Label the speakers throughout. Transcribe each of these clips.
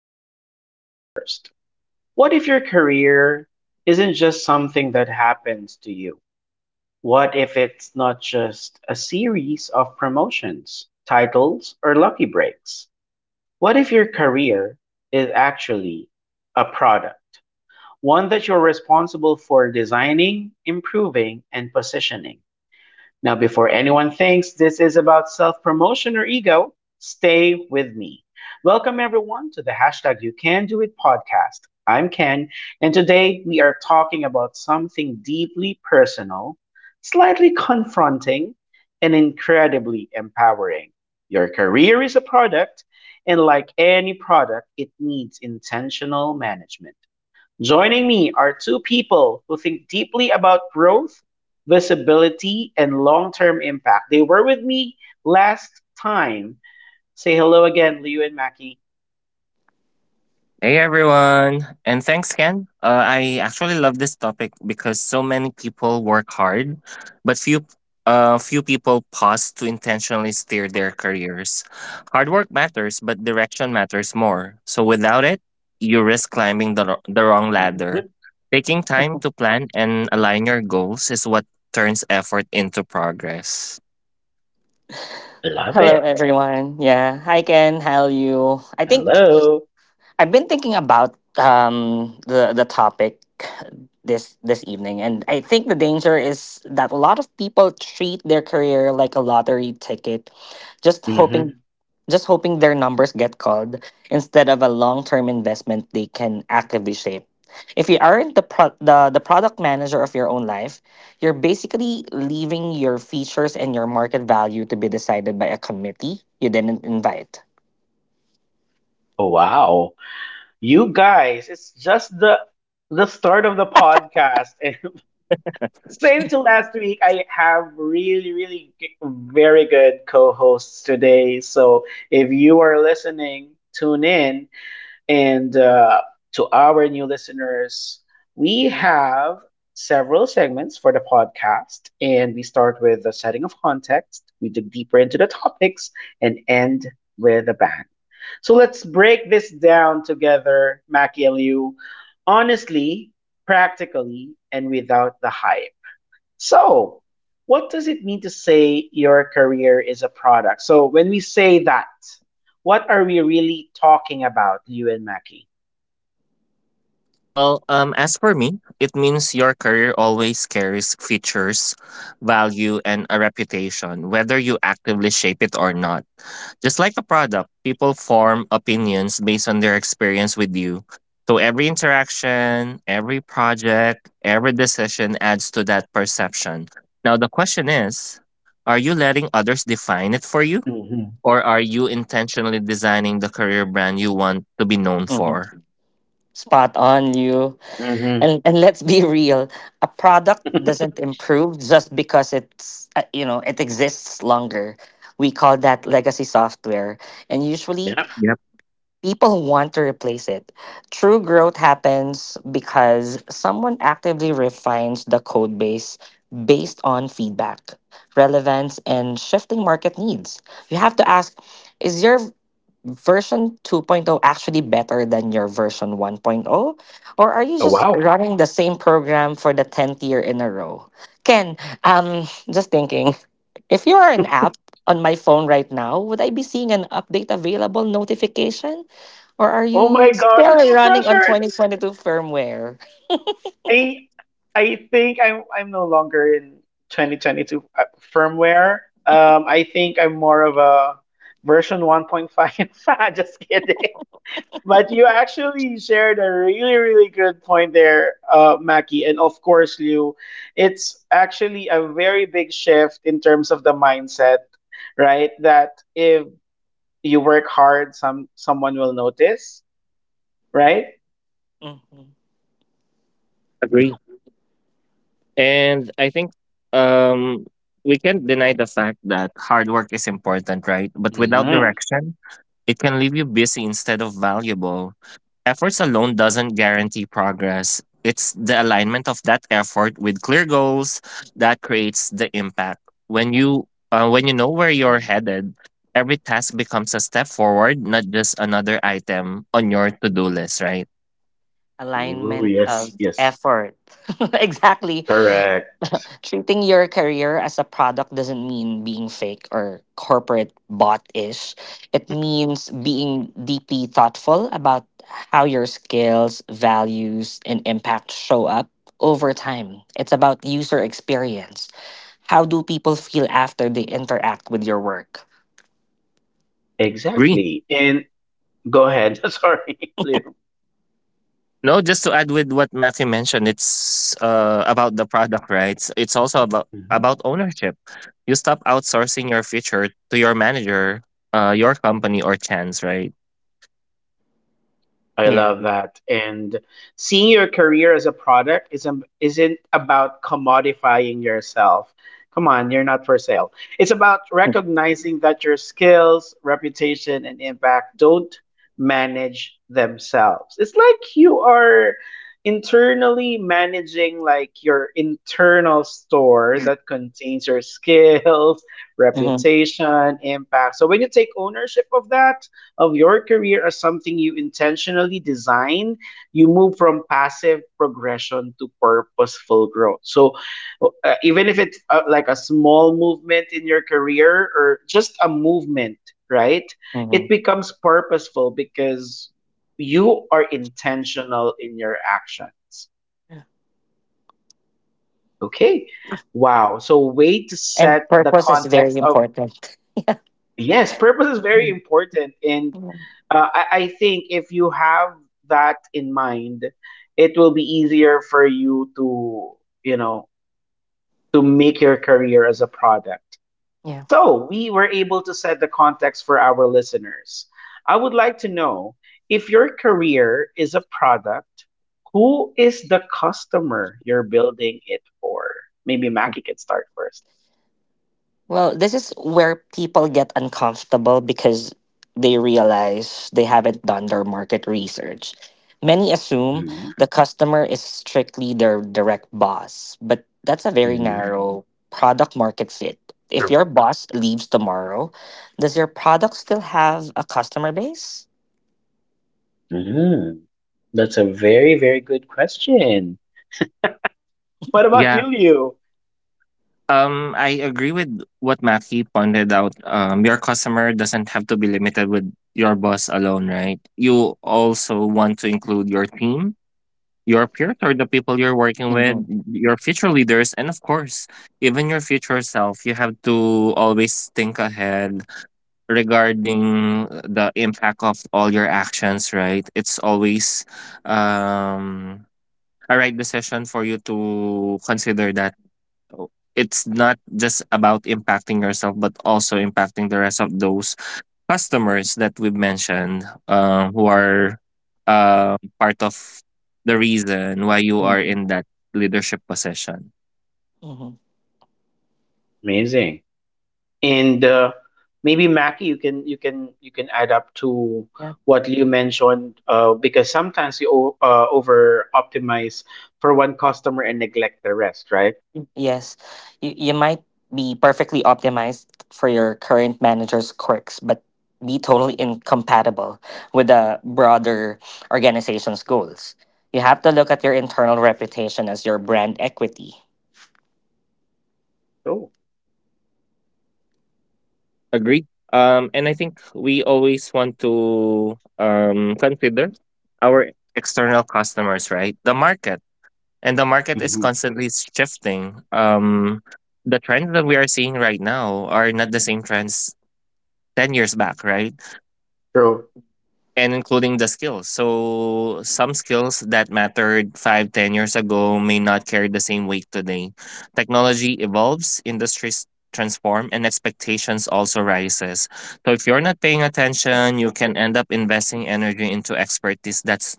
Speaker 1: uncomfortable at first. What if your career isn't just something that happens to you? What if it's not just a series of promotions, titles, or lucky breaks? What if your career is actually a product, one that you're responsible for designing, improving, and positioning? Now, before anyone thinks this is about self promotion or ego, stay with me. Welcome, everyone, to the hashtag You Can Do It podcast. I'm Ken, and today we are talking about something deeply personal, slightly confronting, and incredibly empowering. Your career is a product, and like any product, it needs intentional management. Joining me are two people who think deeply about growth, visibility, and long term impact. They were with me last time. Say hello again, Liu and Mackie.
Speaker 2: Hey everyone, and thanks Ken. I actually love this topic because so many people work hard, but few people pause to intentionally steer their careers. Hard work matters, but direction matters more. So without it, you risk climbing the the wrong ladder.
Speaker 1: hmm
Speaker 2: Taking time to plan and align your goals is what turns effort into progress.
Speaker 1: Love
Speaker 3: Hello,
Speaker 1: it.
Speaker 3: everyone. Yeah. Hi, Ken. How are you? I think
Speaker 1: Hello.
Speaker 3: I've been thinking about the topic this evening, and I think the danger is that a lot of people treat their career like a lottery ticket, just hoping
Speaker 1: hmm
Speaker 3: just hoping their numbers get called instead of a long-term investment they can actively shape. If you aren't the product manager of your own life, you're basically leaving your features and your market value to be decided by a committee you didn't invite.
Speaker 1: Wow. You guys, it's just the start of the podcast. And same to last week, I have really, really very good co-hosts today. So if you are listening, tune in. And to our new listeners, we have several segments for the podcast. And we start with the setting of context, we dig deeper into the topics, and end with a bang. So let's break this down together, Mackie and Liu, honestly, practically, and without the hype. So, what does it mean to say your career is a product? So, when we say that, what are we really talking about, Liu and Mackie?
Speaker 2: As for me, it means your career always carries features, value, and a reputation, whether you actively shape it or not. Just like a product, people form opinions based on their experience with you. So every interaction, every project, every decision adds to that perception. Now, the question is, are you letting others define it for you?
Speaker 1: hmm
Speaker 2: Or are you intentionally designing the career brand you want to be known
Speaker 3: Mhm.
Speaker 2: for?
Speaker 3: Spot on, you.
Speaker 1: hmm
Speaker 3: And let's be real, a product doesn't improve just because it's you know it exists longer. We call that legacy software, and usually
Speaker 1: yeah.
Speaker 3: people want to replace it. True growth happens because someone actively refines the code base based on feedback, relevance, and shifting market needs. You have to ask, is your version 2.0 actually better than your version 1.0? Or are you
Speaker 1: Oh
Speaker 3: just
Speaker 1: wow.
Speaker 3: running the same program for the 10th year in a row? Ken, um, just thinking, if you are an app on my phone right now, would I be seeing an update available notification? Or are
Speaker 1: Oh my
Speaker 3: you
Speaker 1: gosh,
Speaker 3: still
Speaker 1: I'm so
Speaker 3: running on
Speaker 1: pressured.
Speaker 3: 2022 firmware?
Speaker 1: I I think I'm no longer in 2022 firmware. I think I'm more of a version 1.5. Just kidding. But you actually shared a really really good point there, Mackie, and of course Liu. It's actually a very big shift in terms of the mindset, right? That if you work hard, someone will notice, right?
Speaker 3: Mhm.
Speaker 2: Agree. And I think um, we can't deny the fact that hard work is important, right? But without
Speaker 1: Mm-hmm.
Speaker 2: direction, it can leave you busy instead of valuable. Efforts alone doesn't guarantee progress. It's the alignment of that effort with clear goals that creates the impact. When you know where you're headed, every task becomes a step forward, not just another item on your to-do list, right?
Speaker 1: Ooh,
Speaker 3: Alignment of
Speaker 1: yes, yes.
Speaker 3: effort. Exactly.
Speaker 1: Correct.
Speaker 3: Treating your career as a product doesn't mean being fake or corporate bot ish. It means being deeply thoughtful about how your skills, values, and impact show up over time. It's about user experience. How do people feel after they interact with your work?
Speaker 2: Agree.
Speaker 1: Exactly. And go ahead. Sorry, Liam.
Speaker 2: No, just to add with what Matthew mentioned, it's about the product rights. It's also about ownership. You stop outsourcing your future to your manager, your company, or chance, right?
Speaker 1: I
Speaker 3: Yeah.
Speaker 1: love that. And seeing your career as a product is isn't about commodifying yourself. Come on, you're not for sale. It's about recognizing that your skills, reputation, and impact don't manage themselves. It's like you are internally managing like your internal store that contains your skills,
Speaker 3: Mm-hmm.
Speaker 1: reputation, impact. So when you take ownership of that, of your career as something you intentionally design, you move from passive progression to purposeful growth. So, even if it's like a small movement in your career or just a movement, right? It
Speaker 3: hmm
Speaker 1: becomes purposeful because you are intentional in your actions. Okay. Wow. So, way to
Speaker 3: And
Speaker 1: set the
Speaker 3: purpose is very
Speaker 1: context of.
Speaker 3: important.
Speaker 1: Yes, purpose is very important, and
Speaker 3: Mhm.
Speaker 1: I think if you have that in mind, it will be easier for you to, you know, to make your career as a product.
Speaker 3: Yeah.
Speaker 1: So we were able to set the context for our listeners. I would like to know if your career is a product, who is the customer you're building it for? Maybe Mackie can start first.
Speaker 3: Well, this is where people get uncomfortable because they realize they haven't done their market research. Many assume
Speaker 1: Mm-hmm.
Speaker 3: the customer is strictly their direct boss, but that's a very
Speaker 1: Mm-hmm.
Speaker 3: narrow product market fit. If
Speaker 1: Sure.
Speaker 3: your boss leaves tomorrow, does your product still have a customer base?
Speaker 1: Mm-hmm. That's a very, very good question. What about
Speaker 2: Yeah.
Speaker 1: you, Liu?
Speaker 2: I agree with what Matthew pointed out. Your customer doesn't have to be limited with your boss alone, right? You also want to include your team, your peers or the people you're working with,
Speaker 3: Mm-hmm.
Speaker 2: your future leaders, and of course, even your future self. You have to always think ahead regarding the impact of all your actions, right? It's always um, a right decision for you to consider that it's not just about impacting yourself, but also impacting the rest of those customers that we've mentioned, who are part of the reason why you are in that leadership position.
Speaker 3: Mm-hmm.
Speaker 1: Amazing. And maybe Mackie, you can you can add up to what Liu mentioned because sometimes you over optimize for one customer and neglect the rest, right?
Speaker 3: Yes, you might be perfectly optimized for your current manager's quirks, but be totally incompatible with the broader organization's goals. You have to look at your internal reputation as your brand equity.
Speaker 1: Oh,
Speaker 2: Agreed. And I think we always want to consider our external customers, right? The market. And the market is
Speaker 1: hmm
Speaker 2: constantly shifting. The trends that we are seeing right now are not the same trends 10 years back, right?
Speaker 1: true.
Speaker 2: And including the skills. So some skills that mattered five, 10 years ago may not carry the same weight today. Technology evolves, industries transform, and expectations also rises. So if you're not paying attention, you can end up investing energy into expertise that's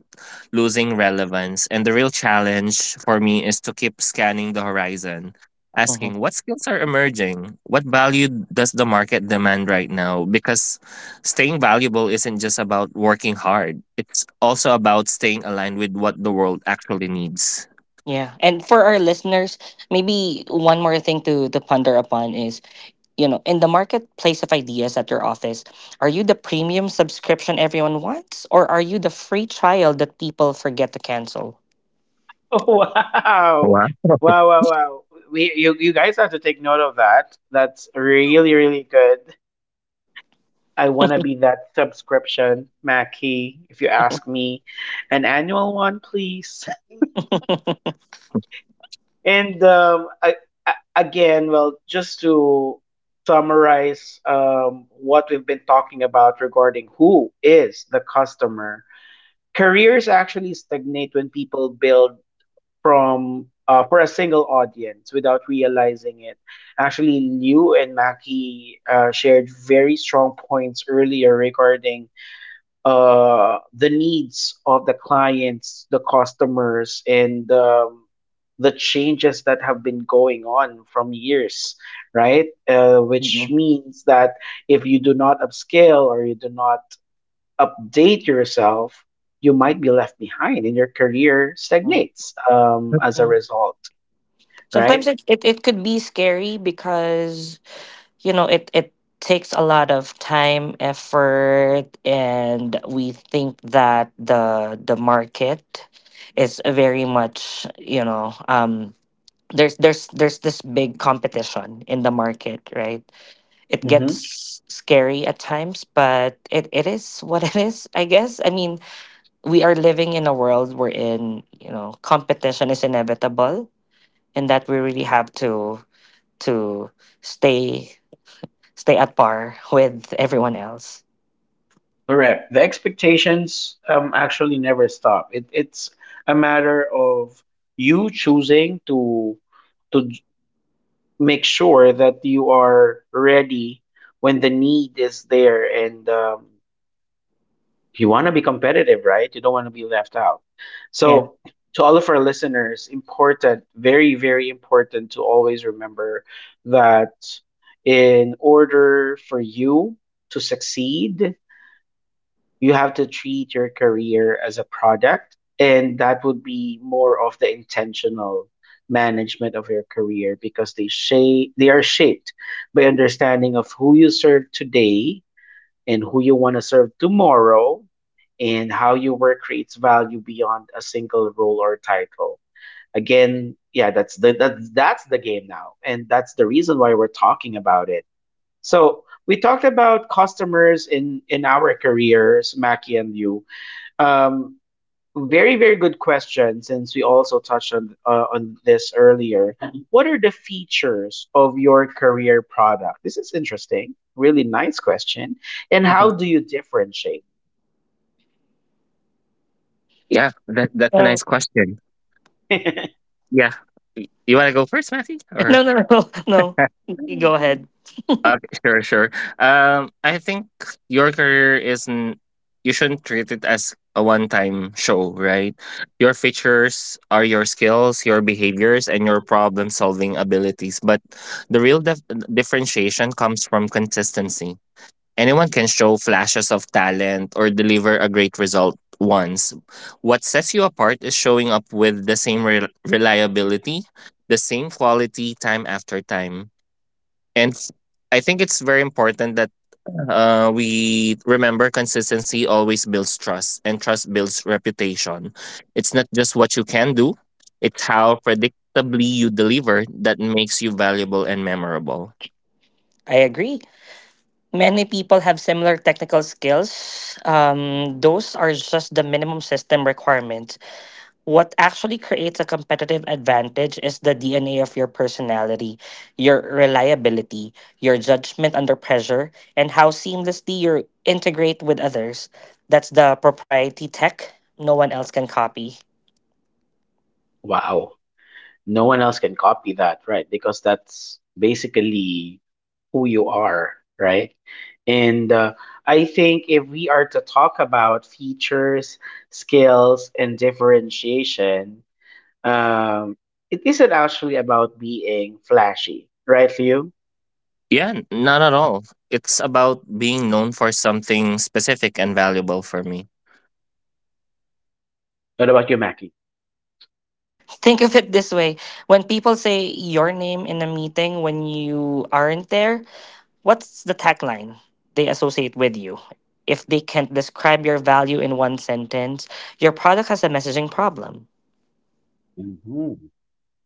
Speaker 2: losing relevance. And the real challenge for me is to keep scanning the horizon. Asking,
Speaker 3: Hmm
Speaker 2: what skills are emerging? What value does the market demand right now? Because staying valuable isn't just about working hard, it's also about staying aligned with what the world actually needs.
Speaker 3: Yeah. And for our listeners, maybe one more thing to ponder upon is, you know, in the marketplace of ideas at your office, are you the premium subscription everyone wants, or are you the free trial that people forget to cancel?
Speaker 1: Oh, wow.
Speaker 2: Wow.
Speaker 1: Wow, wow, wow. We you, you guys have to take note of that. That's really, really good. I want to be that subscription, Mackie, if you ask me. An annual one, please. And I, again, well, just to summarize what we've been talking about regarding who is the customer, careers actually stagnate when people build from for a single audience without realizing it. Actually, Liu and Mackie shared very strong points earlier regarding the needs of the clients, the customers, and the changes that have been going on from years, right? Which
Speaker 3: Mhm.
Speaker 1: means that if you do not upscale or you do not update yourself, you might be left behind and your career stagnates as a
Speaker 3: Yeah.
Speaker 1: result,
Speaker 3: Sometimes
Speaker 1: right?
Speaker 3: it could be scary because, you know, it takes a lot of time, effort, and we think that the market is very much, you know, there's this big competition in the market, right? It gets scary at times, but it is what it is, I guess. I mean, we are living in a world wherein, you know, competition is inevitable, and that we really have to stay stay at par with everyone else.
Speaker 1: Correct. The expectations actually never stop. It's a matter of you choosing to make sure that you are ready when the need is there, and you want to be competitive, right? You don't want to be left out.
Speaker 3: Yeah.
Speaker 1: So to all of our listeners, important, very, very important to always remember that in order for you to succeed, you have to treat your career as a product, and that would be more of the intentional management of your career, because they are shaped by understanding of who you serve today and who you want to serve tomorrow and how your work creates value beyond a single role or title. Again, yeah, that's the game now, and that's the reason why we're talking about it. So we talked about customers in our careers, Mackie and you. Um, very very good question. Since we also touched on this earlier, what are the features of your career product? This is interesting. Really nice question. And how do
Speaker 3: Mhm.
Speaker 1: you differentiate?
Speaker 2: Yeah, that's a
Speaker 3: Um,
Speaker 2: nice question. Yeah. You want to go first, Matthew? Or
Speaker 3: no, no, no, no. Y- Go ahead.
Speaker 2: okay, sure, sure. I think your career isn't. You shouldn't treat it as a one-time show, right? Your features are your skills, your behaviors, and your problem-solving abilities. But the real differentiation comes from consistency. Anyone can show flashes of talent or deliver a great result once. What sets you apart is showing up with the same reliability, the same quality time after time. And f- I think it's very important that we remember consistency always builds trust, and trust builds reputation. It's not just what you can do, it's how predictably you deliver that makes you valuable and memorable.
Speaker 3: I agree. Many people have similar technical skills. Those are just the minimum system requirements. What actually creates a competitive advantage is the DNA of your personality, your reliability, your judgment under pressure, and how seamlessly you integrate with others. That's the proprietary tech no one else can copy.
Speaker 1: Wow. No one else can copy that, right? Because that's basically who you are, right? And I think if we are to talk about features, skills, and differentiation, um, it isn't actually about being flashy, right, Liu?
Speaker 2: Yeah, not at all. It's about being known for something specific and valuable for me.
Speaker 1: What about you, Mackie?
Speaker 3: Think of it this way: when people say your name in a meeting when you aren't there, what's the tagline they associate with you? If they can't describe your value in one sentence, your product has a messaging problem.
Speaker 1: hmm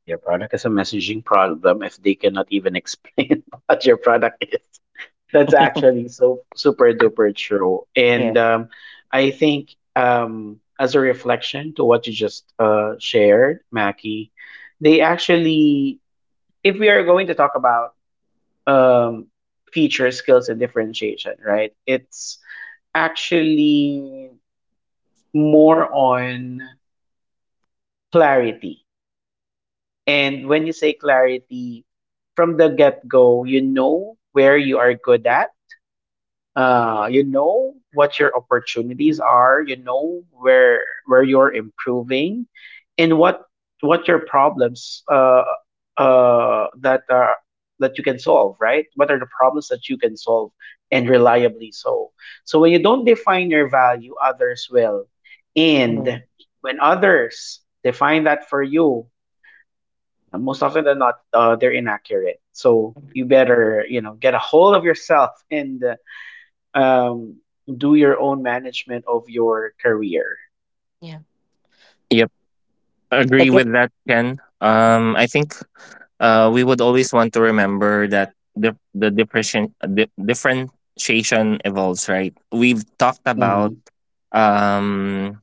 Speaker 1: Your product is a messaging problem if they cannot even explain what your product is. That's actually so super duper true.
Speaker 3: Yeah.
Speaker 1: And I think as a reflection to what you just shared, Mackie, they actually, if we are going to talk about um, feature skills and differentiation, right? It's actually more on clarity. And when you say clarity, from the get go, you know where you are good at, you know what your opportunities are, you know where you're improving, and what your problems that are that you can solve, right? What are the problems that you can solve, and reliably so? So when you don't define your value, others will, and
Speaker 3: Mhm.
Speaker 1: when others define that for you, most often than not, they're inaccurate. So you better, you know, get a hold of yourself and um, do your own management of your career.
Speaker 3: Yeah.
Speaker 2: Yep,
Speaker 3: Like
Speaker 2: agree
Speaker 3: if
Speaker 2: with that, Ken. I think we would always want to remember that the differentiation evolves, right? We've talked
Speaker 1: Mm-hmm.
Speaker 2: um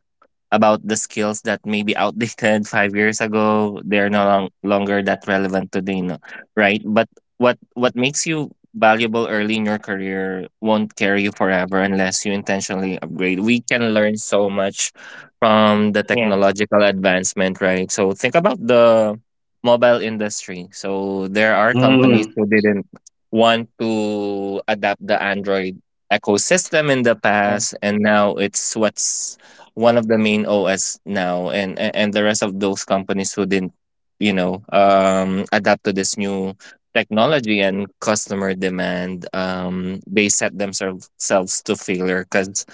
Speaker 2: about the skills that may be outdated 5 years ago. They're no longer that relevant today, no? Right? But what makes you valuable early in your career won't carry you forever unless you intentionally upgrade. We can learn so much from the
Speaker 3: Yeah,
Speaker 2: technological advancement, right? So think about the mobile industry. So there are companies
Speaker 1: Mm,
Speaker 2: who didn't want to adapt the Android ecosystem in the
Speaker 3: yeah.
Speaker 2: past, and now it's what's one of the main OS now, and the rest of those companies who didn't, you know, adapt to this new technology and customer demand, they set themselves to failure because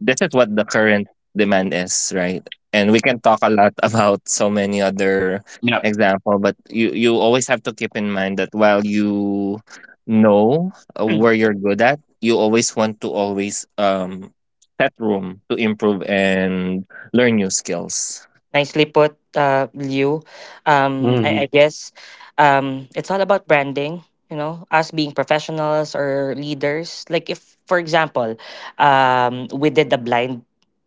Speaker 2: this is what the current demand is, right? And we can talk a lot about so many other
Speaker 1: yep.
Speaker 2: example, but you always have to keep in mind that while you know, where you're good at, you always want to always set room to improve and learn new skills.
Speaker 3: Nicely put, Liu. I
Speaker 1: hmm
Speaker 3: guess it's all about branding. You know, us being professionals or leaders. Like if, for example, we did a blind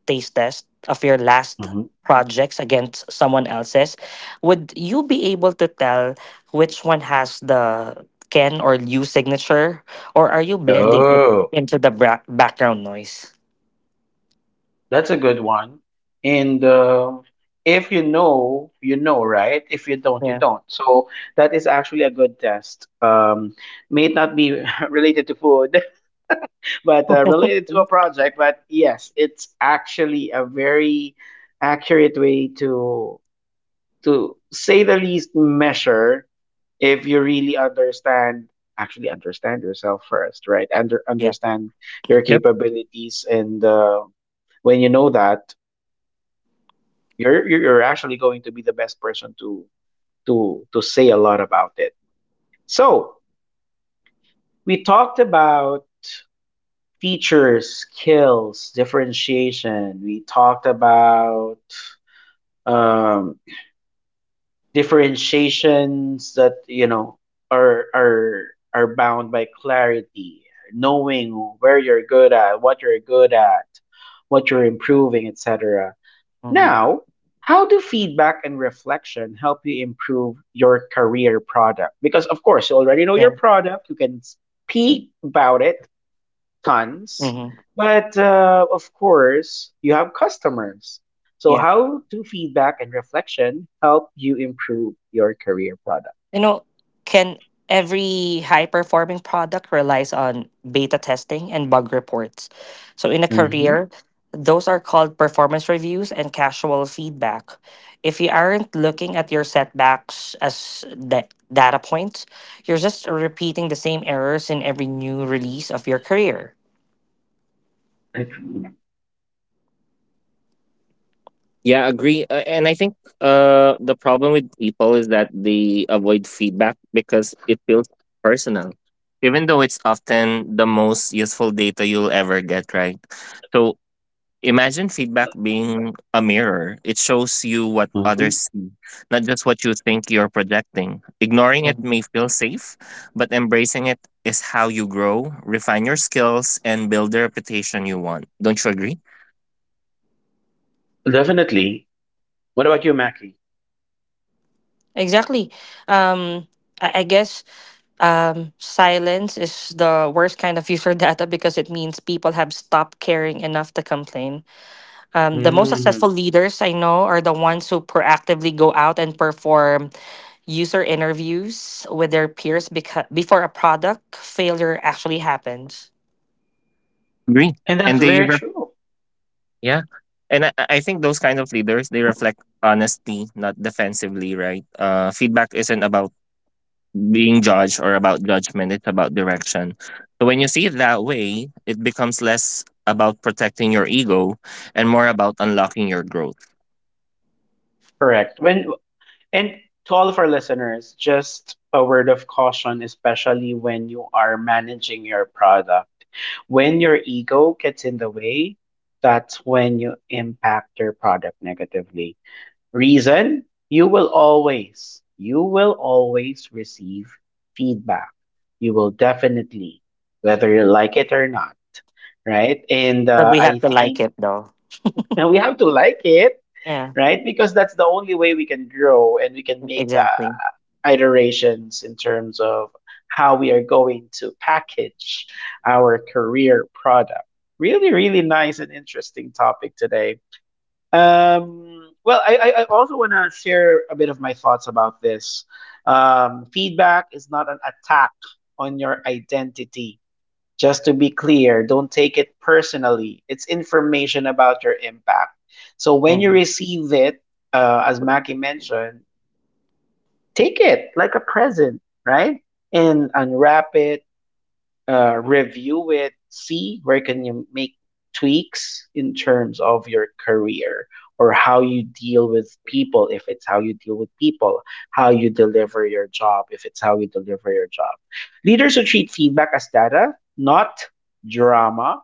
Speaker 3: taste test of your last
Speaker 1: hmm
Speaker 3: projects against someone else's, would you be able to tell which one has the Ken or Liu signature, or are you blending it
Speaker 1: Oh,
Speaker 3: into the background noise?
Speaker 1: that's a good one. And if you know, you know, right? If you don't, you
Speaker 3: Yeah.
Speaker 1: don't. So that is actually a good test. May it not be related to food, but related to a project. But yes, it's actually a very accurate way to say the least, measure if you really understand, actually understand yourself first, right?
Speaker 3: Yeah.
Speaker 1: Understand your capabilities, and when you know that, you're actually going to be the best person to to say a lot about it. So we talked about features, skills, differentiation. We talked about um differentiations that, you know, are are are bound by clarity, knowing where you're good at what you're good at, what you're improving, etc. Now, how do feedback and reflection help you improve your career product? Because of course you already know your
Speaker 3: Yeah.
Speaker 1: product, you can speak about it tons.
Speaker 3: hmm
Speaker 1: But of course, you have customers. So,
Speaker 3: Yeah.
Speaker 1: how do feedback and reflection help you improve your career product?
Speaker 3: You know, can every high performing product relies on beta testing and bug reports. So in a
Speaker 1: Mm-hmm.
Speaker 3: career, those are called performance reviews and casual feedback. If you aren't looking at your setbacks as data points, you're just repeating the same errors in every new release of your career.
Speaker 2: Yeah, agree. And I think the problem with people is that they avoid feedback because it feels personal, even though it's often the most useful data you'll ever get, right? So imagine feedback being a mirror. It shows you what
Speaker 1: hmm
Speaker 2: others see, not just what you think you're projecting. Ignoring it
Speaker 3: Mhm.
Speaker 2: may feel safe, but embracing it is how you grow, refine your skills, and build the reputation you want. Don't you agree?
Speaker 1: Definitely. What about you, Mackie?
Speaker 3: Exactly. Um, I guess silence is the worst kind of user data because it means people have stopped caring enough to complain. The most
Speaker 1: hmm
Speaker 3: successful leaders I know are the ones who proactively go out and perform user interviews with their peers, because before a product failure actually happens.
Speaker 2: Agree.
Speaker 1: And that's
Speaker 2: And they
Speaker 1: very true.
Speaker 2: yeah. And I think those kind of leaders, they reflect honesty, not defensively, right? Feedback isn't about being judged or about judgment, it's about direction. So when you see it that way, it becomes less about protecting your ego and more about unlocking your growth.
Speaker 1: Correct. When. And to all of our listeners, just a word of caution, especially when you are managing your product. When your ego gets in the way, that's when you impact your product negatively. Reason? You will always receive feedback. You will definitely, whether you like it or not, right? And
Speaker 3: But we
Speaker 1: I
Speaker 3: have to like
Speaker 1: think,
Speaker 3: it though.
Speaker 1: and we have to like it,
Speaker 3: Yeah,
Speaker 1: right? Because that's the only way we can grow and we can make the
Speaker 3: exactly.
Speaker 1: iterations in terms of how we are going to package our career product. Really, really nice and interesting topic today. Well, I also want to share a bit of my thoughts about this. Feedback is not an attack on your identity. Just to be clear, don't take it personally. It's information about your impact. So when you
Speaker 3: hmm
Speaker 1: receive it, as Maki mentioned, take it like a present, right? And unwrap it, review it, see where can you make tweaks in terms of your career or how you deal with people if it's how you deal with people, how you deliver your job if it's how you deliver your job. Leaders should treat feedback as data, not drama,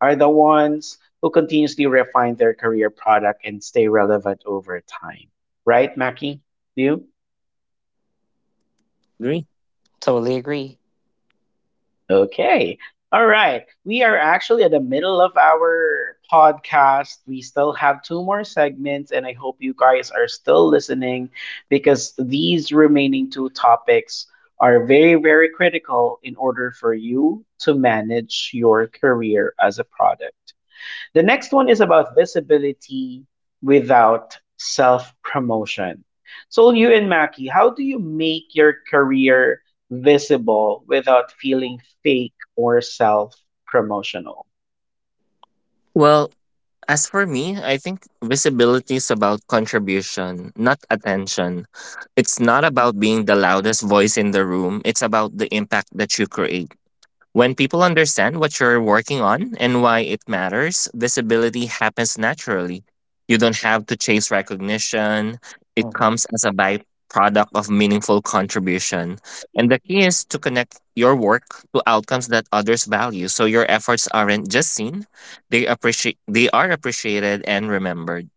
Speaker 1: are the ones who continuously refine their career product and stay relevant over time. Right, Mackie? You?
Speaker 2: Yep, agree.
Speaker 3: Totally agree.
Speaker 1: Okay. All right. We are actually at the middle of our podcast. We still have two more segments, and I hope you guys are still listening because these remaining two topics are very, very critical in order for you to manage your career as a product. The next one is about visibility without self promotion. So, you and Mackie, how do you make your career visible without feeling fake or self promotional?
Speaker 2: Well, as for me, I think visibility is about contribution, not attention. It's not about being the loudest voice in the room, it's about the impact that you create. When people understand what you're working on and why it matters, visibility happens naturally. You don't have to chase recognition, it
Speaker 3: Hmm
Speaker 2: comes as a byproduct of meaningful contribution. And the key is to connect your work to outcomes that others value so your efforts aren't just seen, they are appreciated and remembered.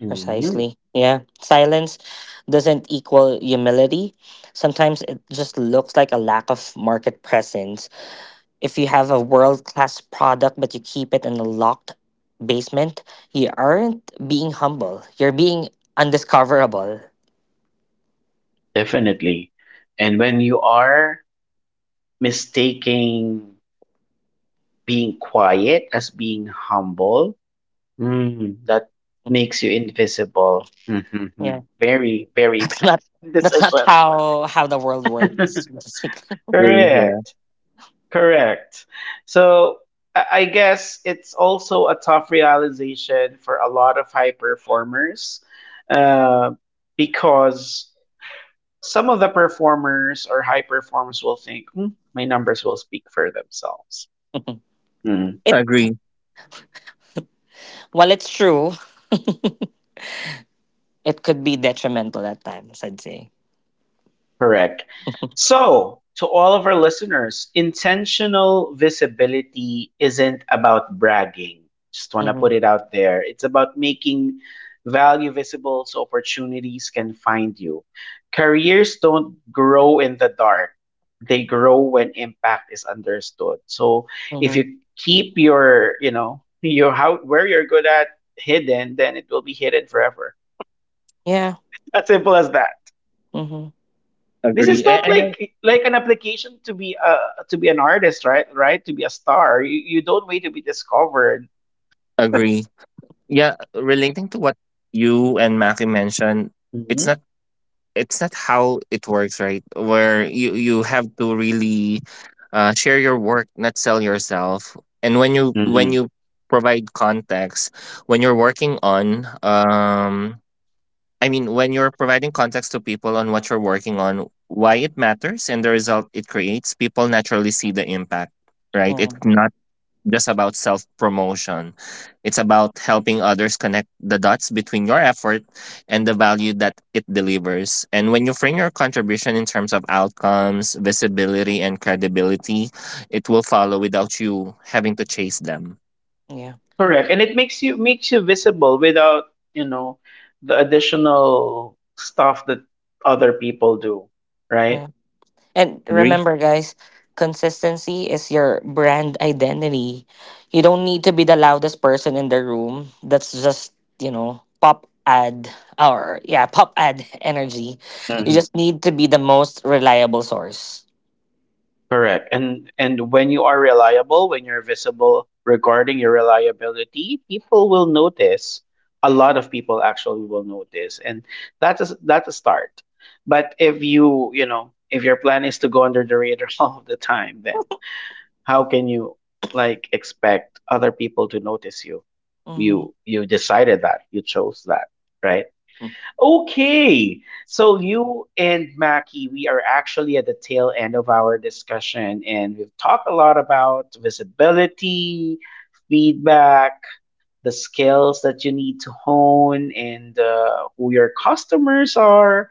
Speaker 1: Mhm.
Speaker 3: Precisely. Yeah. Silence doesn't equal humility. Sometimes it just looks like a lack of market presence. If you have a world class product but you keep it in a locked basement, you aren't being humble. You're being undiscoverable.
Speaker 1: Definitely. And when you are mistaking being quiet as being humble, that makes you invisible.
Speaker 3: Yeah.
Speaker 1: Mhm. Very, very
Speaker 3: That's not,
Speaker 1: bad
Speaker 3: that's not
Speaker 1: decision.
Speaker 3: how how the world works, basically.
Speaker 2: Agree, yeah.
Speaker 1: Correct. Correct. So I guess it's also a tough realization for a lot of high performers uh, because some of the performers or high performers will think, "Hmm, my numbers will speak for themselves.
Speaker 3: it
Speaker 2: Agree.
Speaker 3: while it's true, it could be detrimental at times, I'd say.
Speaker 1: Correct. So, to all of our listeners, intentional visibility isn't about bragging. Just want to
Speaker 3: Mm-hmm.
Speaker 1: put it out there. It's about making value visible so opportunities can find you. Careers don't grow in the dark, they grow when impact is understood. So, if
Speaker 3: Mm-hmm.
Speaker 1: you keep your, your how where you're good at hidden, then it will be hidden forever.
Speaker 3: Yeah.
Speaker 1: As simple as that.
Speaker 3: Mm-hmm.
Speaker 1: This is not
Speaker 2: I
Speaker 1: like an application to be an artist, right? Right? To be a star. You don't wait to be discovered.
Speaker 2: agree. Yeah, relating to what you and Maki mentioned, it's
Speaker 1: Mhm.
Speaker 2: not it's not how it works, right, where you have to really share your work, not sell yourself. And when you when
Speaker 1: Hmm.
Speaker 2: you provide context when you're working on, when you're providing context to people on what you're working on, why it matters, and the result it creates, people naturally see the impact, right? It's
Speaker 3: Mm-hmm.
Speaker 2: not just about self promotion. It's about helping others connect the dots between your effort and the value that it delivers. And when you frame your contribution in terms of outcomes, visibility, and credibility, it will follow without you having to chase them.
Speaker 3: Yeah.
Speaker 1: Correct. And it makes you visible without, you know, the additional stuff that other people do, right?
Speaker 3: Yeah. And
Speaker 2: Agree?
Speaker 3: remember, guys, consistency is your brand identity. You don't need to be the loudest person in the room. That's just, you know, pop ad or, yeah, pop ad energy. You just need to be the most reliable source.
Speaker 1: Correct. And when you are reliable, when you're visible regarding your reliability, people will notice. A lot of people actually will notice. And that's a start. But if you, you know, if your plan is to go under the radar all of the time, then how can you like expect other people to notice you?
Speaker 3: Mm-hmm.
Speaker 1: You decided that. You chose that, right? Okay, so you and Mackie, we are actually at the tail end of our discussion, and we've talked a lot about visibility, feedback, the skills that you need to hone, and who your customers are.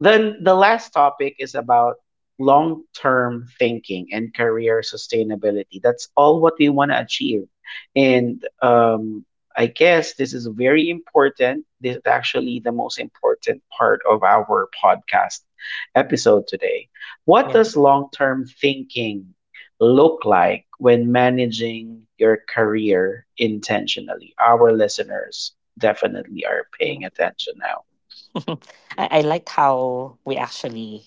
Speaker 1: Then the last topic is about long term thinking and career sustainability. That's all what we want to achieve. And I guess this is very important. This is actually the most important part of our podcast episode today. What
Speaker 3: Yeah.
Speaker 1: does long term thinking look like when managing your career intentionally? Our listeners definitely are
Speaker 3: Yeah.
Speaker 1: paying attention now.
Speaker 3: I liked how we actually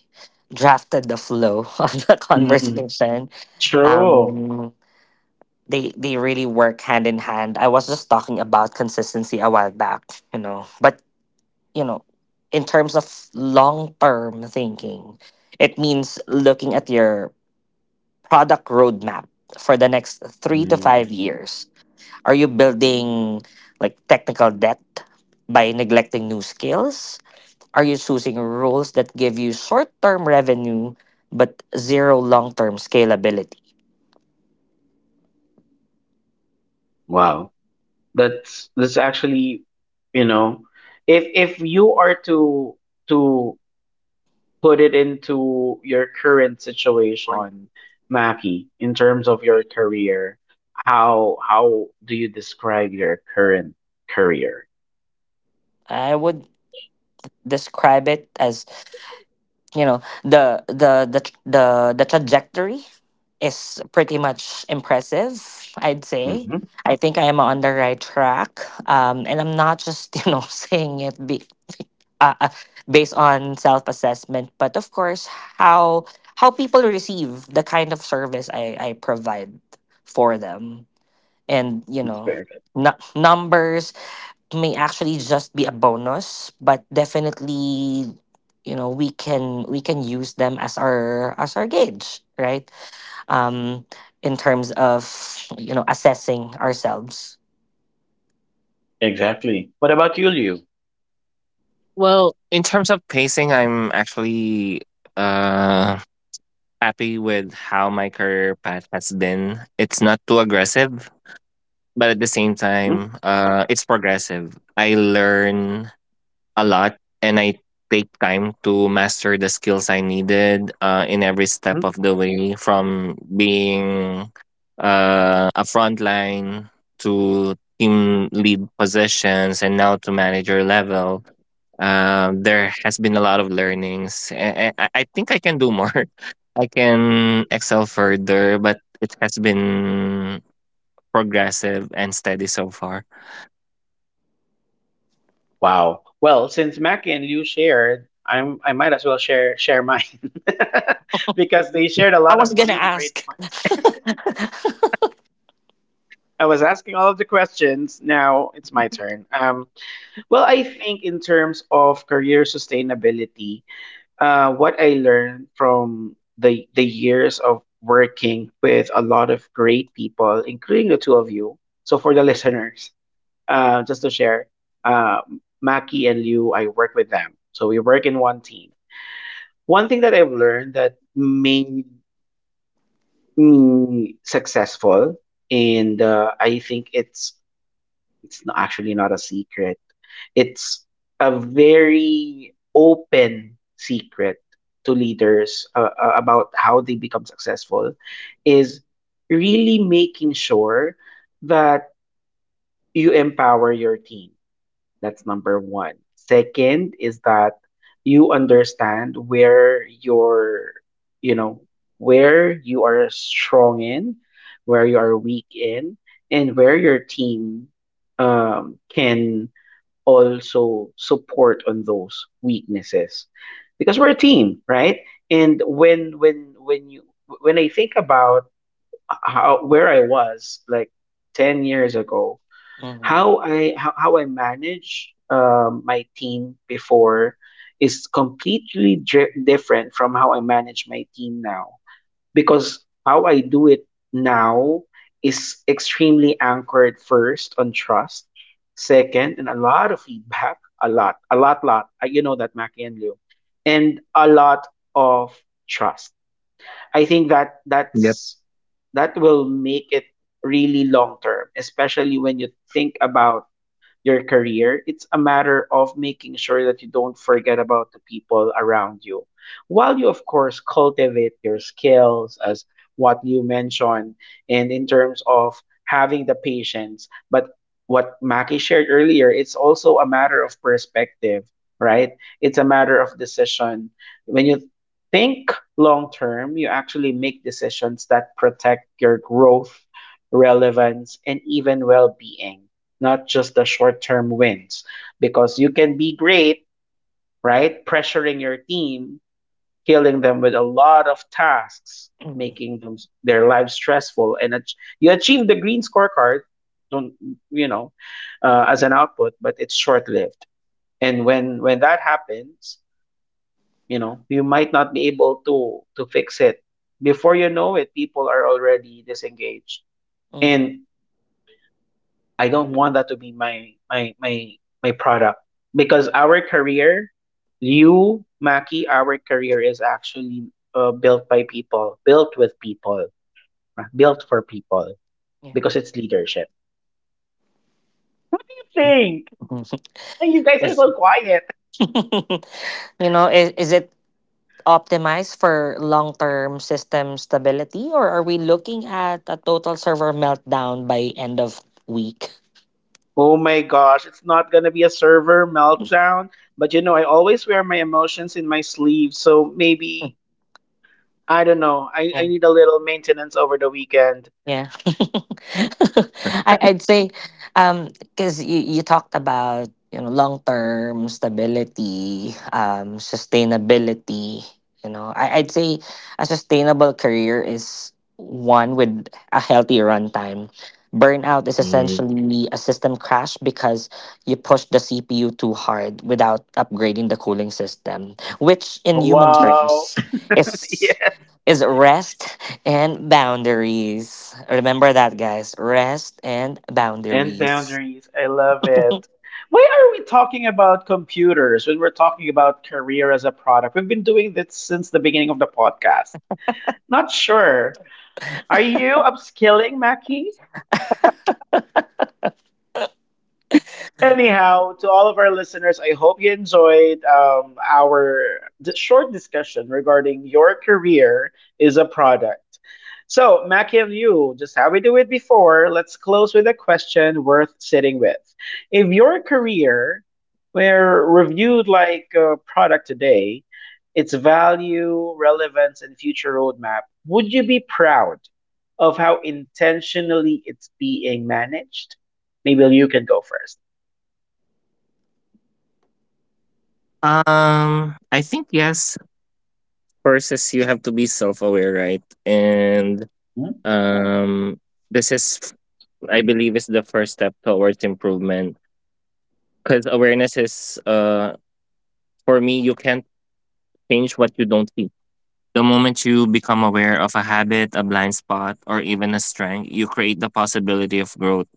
Speaker 3: drafted the flow of the
Speaker 1: Mhm.
Speaker 3: conversation.
Speaker 1: True.
Speaker 3: Um, they really work hand in hand. I was just talking about consistency a while back, you know. But you know, in terms of long term thinking, it means looking at your product roadmap for the next three to five
Speaker 1: Mm.
Speaker 3: years. Are you building like technical debt by neglecting new skills? Are you choosing roles that give you short term revenue but zero long term scalability?
Speaker 1: Wow. That's actually, you know, if you are to put it into your current situation, Maki, in terms of your career, how do you describe your current career?
Speaker 3: I would describe it as, you know, the the trajectory is pretty much impressive, I'd say.
Speaker 1: Mm-hmm.
Speaker 3: I think I am on the right track, and I'm not just you know saying it be uh, uh, based on self-assessment, but of course how people receive the kind of service I provide for them. And you
Speaker 1: That's
Speaker 3: know,
Speaker 1: perfect.
Speaker 3: numbers may actually just be a bonus, but definitely, you know, we can use them as our gauge, right? um in terms of, you know, assessing ourselves.
Speaker 1: Exactly. What about you, Liu?
Speaker 2: Well, in terms of pacing, I'm actually uh, happy with how my career path has been. It's not too aggressive, but at the same time, it's progressive. I learn a lot and I take time to master the skills I needed in every step
Speaker 1: Mm-hmm.
Speaker 2: of the way, from being a frontline to team lead positions and now to manager level. There has been a lot of learnings. I think I can do more. I can excel further, but it has been progressive and steady so far.
Speaker 1: Wow. Well, since Mackie and Liu shared, I might as well share mine because they shared a
Speaker 3: I
Speaker 1: lot
Speaker 3: was
Speaker 1: of
Speaker 3: gonna
Speaker 1: really great.
Speaker 3: ask.
Speaker 1: I was asking all of the questions. Now it's my turn. Well, I think in terms of career sustainability, what I learned from the years of working with a lot of great people, including the two of you. So for the listeners, just to share, uh, Maki and Liu, I work with them. So we work in one team. One thing that I've learned that made me successful, and I think it's actually not a secret. It's a very open secret to leaders about how they become successful is really making sure that you empower your team. That's number one. Second is that you understand where your, you know, where you are strong in, where you are weak in, and where your team can also support on those weaknesses. Because we're a team, right? And when when you when I think about how where I was like 10 years ago
Speaker 3: Mhm.
Speaker 1: how I how I manage my team before is completely different from how I manage my team now because how I do it now is extremely anchored first on trust, second, and a lot of feedback, a lot, lot. You know that Mackie and Liu, and a lot of trust. I think that
Speaker 2: Yep,
Speaker 1: that's that will make it really long term, especially when you think about your career, it's a matter of making sure that you don't forget about the people around you. While you, of course, cultivate your skills, as what you mentioned, and in terms of having the patience, but what Maki shared earlier, it's also a matter of perspective, right? It's a matter of decision. When you think long term, you actually make decisions that protect your growth, relevance, and even well being, not just the short term wins. Because you can be great, right? Pressuring your team, killing them with a lot of tasks,
Speaker 3: Mhm.
Speaker 1: making them their lives stressful, and you achieve the green scorecard. Don't, you know, as an output, but it's short lived. And when that happens, you know, you might not be able to fix it. Before you know it, people are already disengaged.
Speaker 3: Mhm.
Speaker 1: And I don't want that to be my product because our career, you Maki, our career is actually built by people, built with people, right? Built for people
Speaker 3: Yeah.
Speaker 1: because it's leadership.
Speaker 2: agree.
Speaker 1: Think.
Speaker 3: Mhm.
Speaker 1: And you guys are
Speaker 3: Is-
Speaker 1: so quiet.
Speaker 3: you know is it optimized for long-term system stability, or are we looking at a total server meltdown by end of week?
Speaker 1: Oh my gosh, it's not gonna be a server meltdown. But you know, I always wear my emotions in my sleeve, so maybe I don't know. I
Speaker 3: Yeah.
Speaker 1: need a little maintenance over the weekend.
Speaker 3: Yeah. I, I'd say, because you talked about, you know, long term stability, sustainability, you know, I, I'd say a sustainable career is one with a healthy runtime. Burnout is
Speaker 1: Mm.
Speaker 3: essentially a system crash because you push the CPU too hard without upgrading the cooling system, which in human
Speaker 1: Wow.
Speaker 3: terms is
Speaker 1: Yeah.
Speaker 3: rest and boundaries. Remember that, guys. Rest and
Speaker 1: And
Speaker 3: boundaries.
Speaker 1: boundaries. I love it. Why are we talking about computers when we're talking about career as a product? We've been doing this since the beginning of the podcast. Not sure. Are you upskilling, Mackie? Anyhow, to all of our listeners, I hope you enjoyed our short discussion regarding your career is a product. So, Mackie and you, just how we do it before, let's close with a question worth sitting with. If your career were reviewed like a product today, its value, relevance, and future roadmap, would you be proud of how intentionally it's being managed? Maybe you can go first.
Speaker 2: I think yes. First is you have to be self-aware, right? And
Speaker 1: Mm.
Speaker 2: um, this is, I believe, is the first step towards improvement. Because awareness is, for me, you can't change what you don't see. The moment you become aware of a habit, a blind spot, or even a strength, you create the possibility of growth.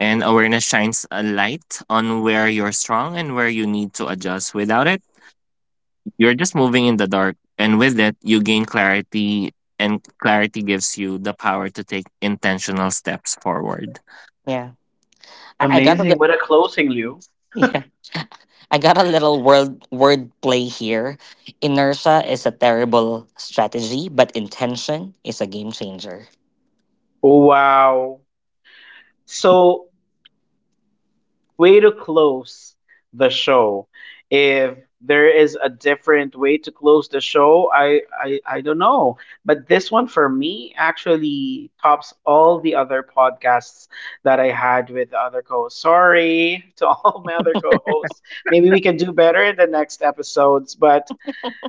Speaker 2: And awareness shines a light on where you're strong and where you need to adjust. Without it, you're just moving in the dark, and with it, you gain clarity, and clarity gives you the power to take intentional steps forward.
Speaker 3: Yeah, I got a li-
Speaker 1: Amazing. What a closing, Liu.
Speaker 3: yeah, I got a little word play here. Inertia is a terrible strategy, but intention is a game changer.
Speaker 1: Wow. So, way to close the show. If there is a different way to close the show, I don't know. But this one for me actually tops all the other podcasts that I had with the other co hosts. Sorry to all my other co hosts. Maybe we can do better in the next episodes, but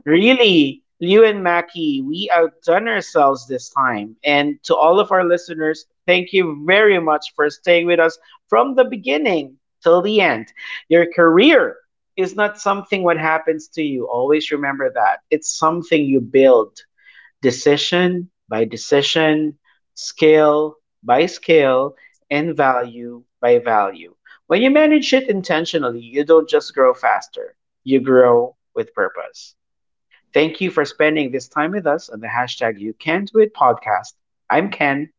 Speaker 1: really, Liu and Mackie, we outdone ourselves this time. And to all of our listeners, thank you very much for staying with us from the beginning till the end. Your career is not something what happens to you. Always remember that. It's something you build decision by decision, scale by scale, and value by value. When you manage it intentionally, you don't just grow faster, you grow with purpose. Thank you for spending this time with us on the hashtag You Can Do It podcast. I'm Ken.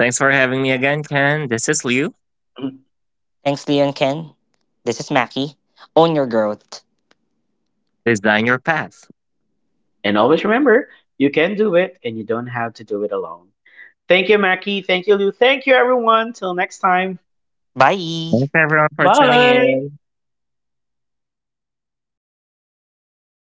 Speaker 2: Thanks for having me again, Ken. This is Liu.
Speaker 3: Thanks, Leon Ken. This is Mackie. Own your growth.
Speaker 2: Design your path.
Speaker 1: And always remember, you can do it and you don't have to do it alone. Thank you, Mackie. Thank you, Lou. Thank you, everyone. Till next time.
Speaker 3: Bye.
Speaker 2: Thanks, everyone, for tuning
Speaker 1: Bye.
Speaker 2: in.